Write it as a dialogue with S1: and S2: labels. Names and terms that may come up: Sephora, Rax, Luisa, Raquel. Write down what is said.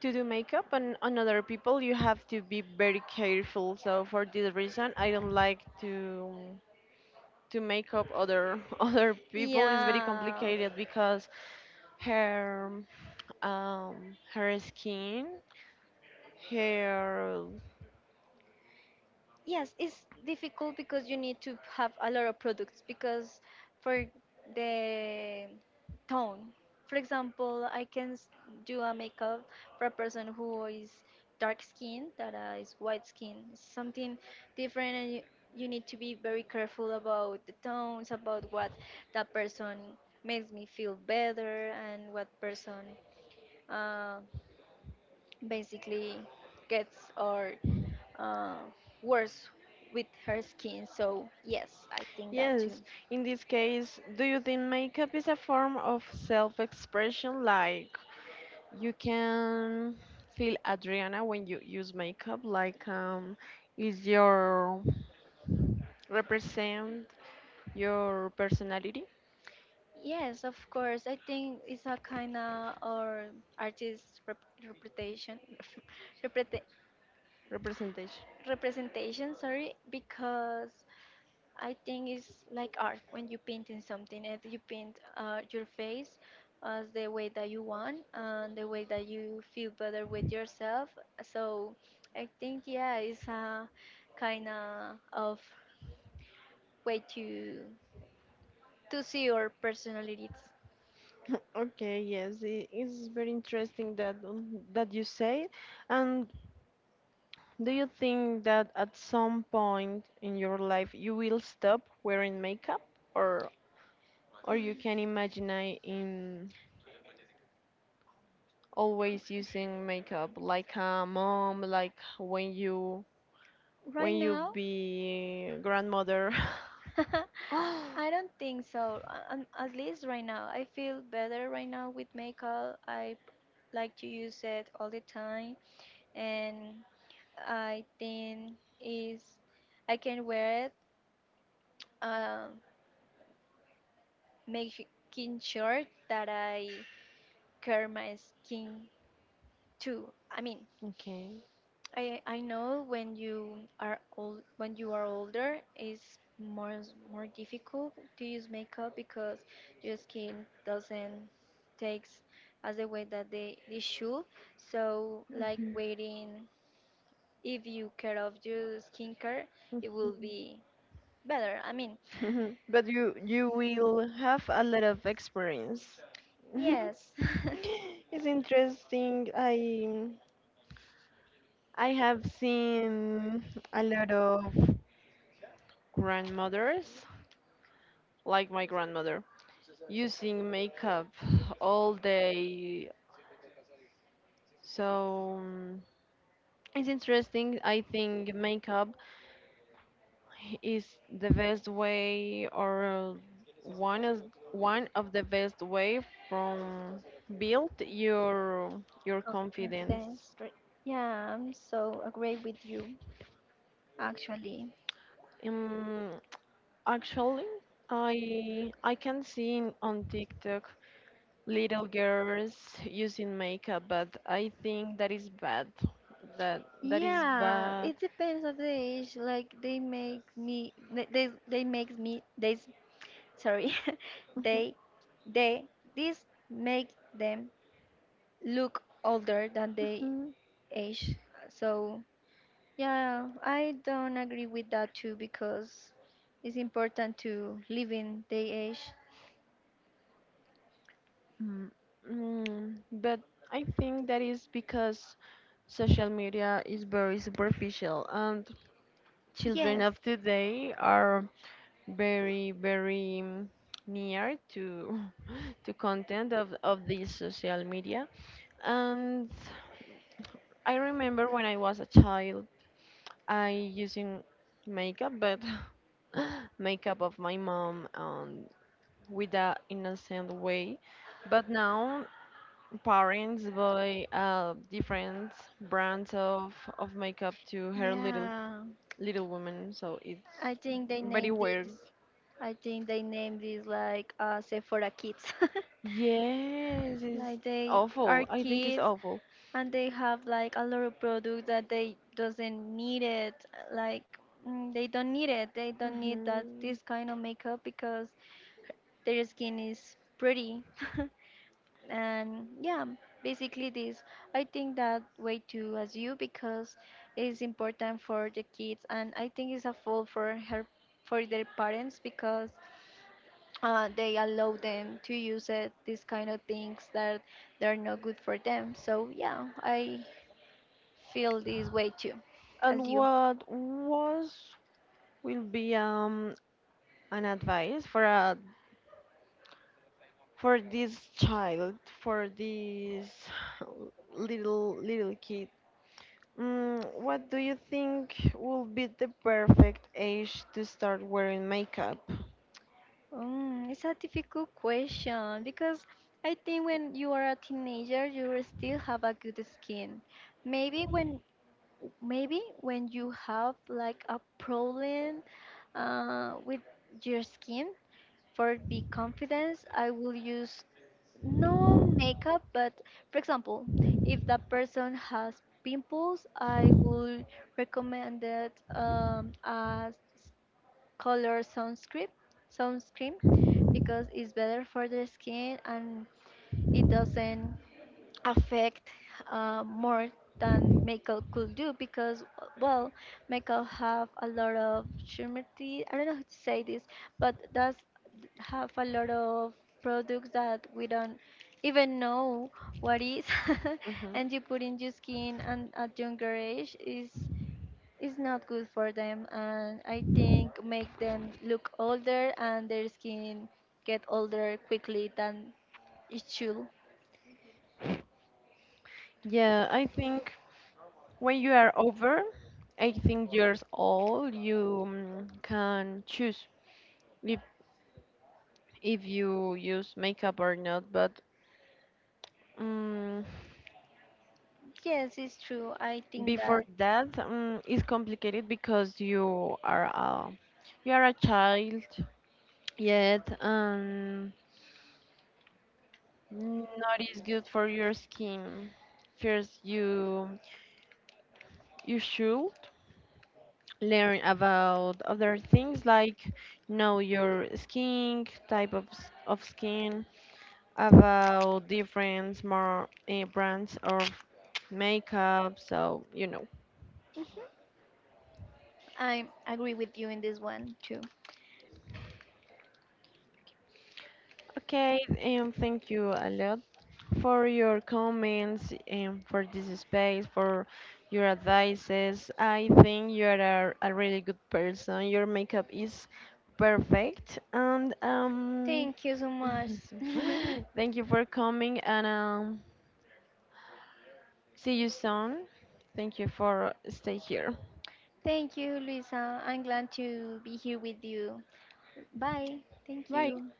S1: to do makeup, and on other people you have to be very careful, so for this reason I don't like to make up other other people. It's very
S2: Yeah.
S1: complicated because her her skin. Her
S2: Yes, it's difficult because you need to have a lot of products because for the tone. For example, do a makeup for a person who is dark skin that is white skin. It's something different and you need to be very careful about the tones, about what that person makes me feel better and what person uh, basically gets or uh, worse with her skin. So yes, I think that too.
S1: Yes, in this case, do you think makeup is a form of self-expression, like, you can feel Adriana when you use makeup, like, is your represent your personality
S2: Yes, of course. I think it's a kind of or artist rep- representation, reprete-
S1: representation?
S2: representation. Sorry, because I think it's like art when you painting something and you paint your face as the way that you want and the way that you feel better with yourself. So I think yeah, it's a kind of way to see your personalities?
S1: Okay, yes, it is very interesting that you say. And do you think that at some point in your life you will stop wearing makeup, or you can imagine I in always using makeup like a mom, like
S2: Right
S1: when you
S2: now,
S1: be grandmother? Oh.
S2: I don't think so. At least right now, I feel better right now with makeup. I like to use it all the time, and I think is I can wear it, um, making sure that I care my skin too. I mean,
S1: Okay.
S2: I know when you are old when you are older it's more difficult to use makeup because your skin doesn't takes as the way that they should. So like
S1: Mhm.
S2: waiting if you care of your skincare it will be better. I mean
S1: Mhm. But you will have a lot of experience.
S2: yes.
S1: It's interesting. I have seen a lot of grandmothers, like my grandmother, using makeup all day. So, it's interesting. I think makeup is the best way, or one is one of the best way from build your confidence,
S2: Confidence. Right. Yeah, I'm so agree with you actually.
S1: um, actually I can see in- on TikTok little girls using makeup, but I think that is bad that that is
S2: Yeah,
S1: bad.
S2: it depends of the age. Like they make me, they makes me. Sorry, they they this make them look older than they
S1: Mhm.
S2: age. So yeah, I don't agree with that too because it's important to live in the age.
S1: Mm, mm, but I think that is because social media is very superficial, and children
S2: Yes,
S1: of today are very, very near to to content of this social media. And I remember when I was a child, I using makeup, but makeup of my mom, with a innocent way. But now parents buy different brands of makeup to her little
S2: yeah.
S1: woman, so it's
S2: I think they
S1: very
S2: named
S1: weird.
S2: this. I think they named this like Sephora Kids.
S1: Yes, it's
S2: Like they are
S1: awful. I think it's
S2: kids
S1: awful.
S2: and they have like a lot of products that they doesn't need it like they don't need that
S1: Mhm.
S2: this kind of makeup because their skin is pretty. And yeah, basically this, I think that way too as you because it's important for the kids, and I think it's a fault for her for their parents because they allow them to use it these kind of things that they're not good for them. So yeah, I feel this way too as
S1: And
S2: you?
S1: what was will be an advice for a for this child for this little kid. Mm, what do you think would be the perfect age to start wearing makeup?
S2: Mm, it's a difficult question because I think when you are a teenager, you still have a good skin. Maybe when maybe when you have like a problem with your skin, for be confidence, I will use no makeup, but for example, if that person has pimples, I will recommend it a color sunscreen, sunscreen because it's better for the skin and it doesn't affect more than makeup could do because well, makeup have a lot of shimmery, I don't know how to say this, but does have a lot of products that we don't even know what is.
S1: Hmm.
S2: And you put in your skin and at younger age is it's not good for them, and I think make them look older and their skin get older quickly than it should.
S1: Yeah, I think when you are over 18 years old, you can choose if, if you use makeup or not. But mm,
S2: Yes, it's true. I think
S1: before
S2: that
S1: that, it's complicated because you are a child yet, and not is good for your skin. First, you should learn about other things, like know your skin, type of skin, about different more brands of makeup, so you know.
S2: I agree with you in this one too.
S1: Okay, and thank you a lot for your comments and for this space, for your advices. I think you are a really good person. Your makeup is perfect, and
S2: Thank you so much.
S1: thank you for coming, and see you soon. Thank you for stay here.
S2: Thank you, Luisa. I'm glad to be here with you. Bye. Thank
S1: Right.
S2: you.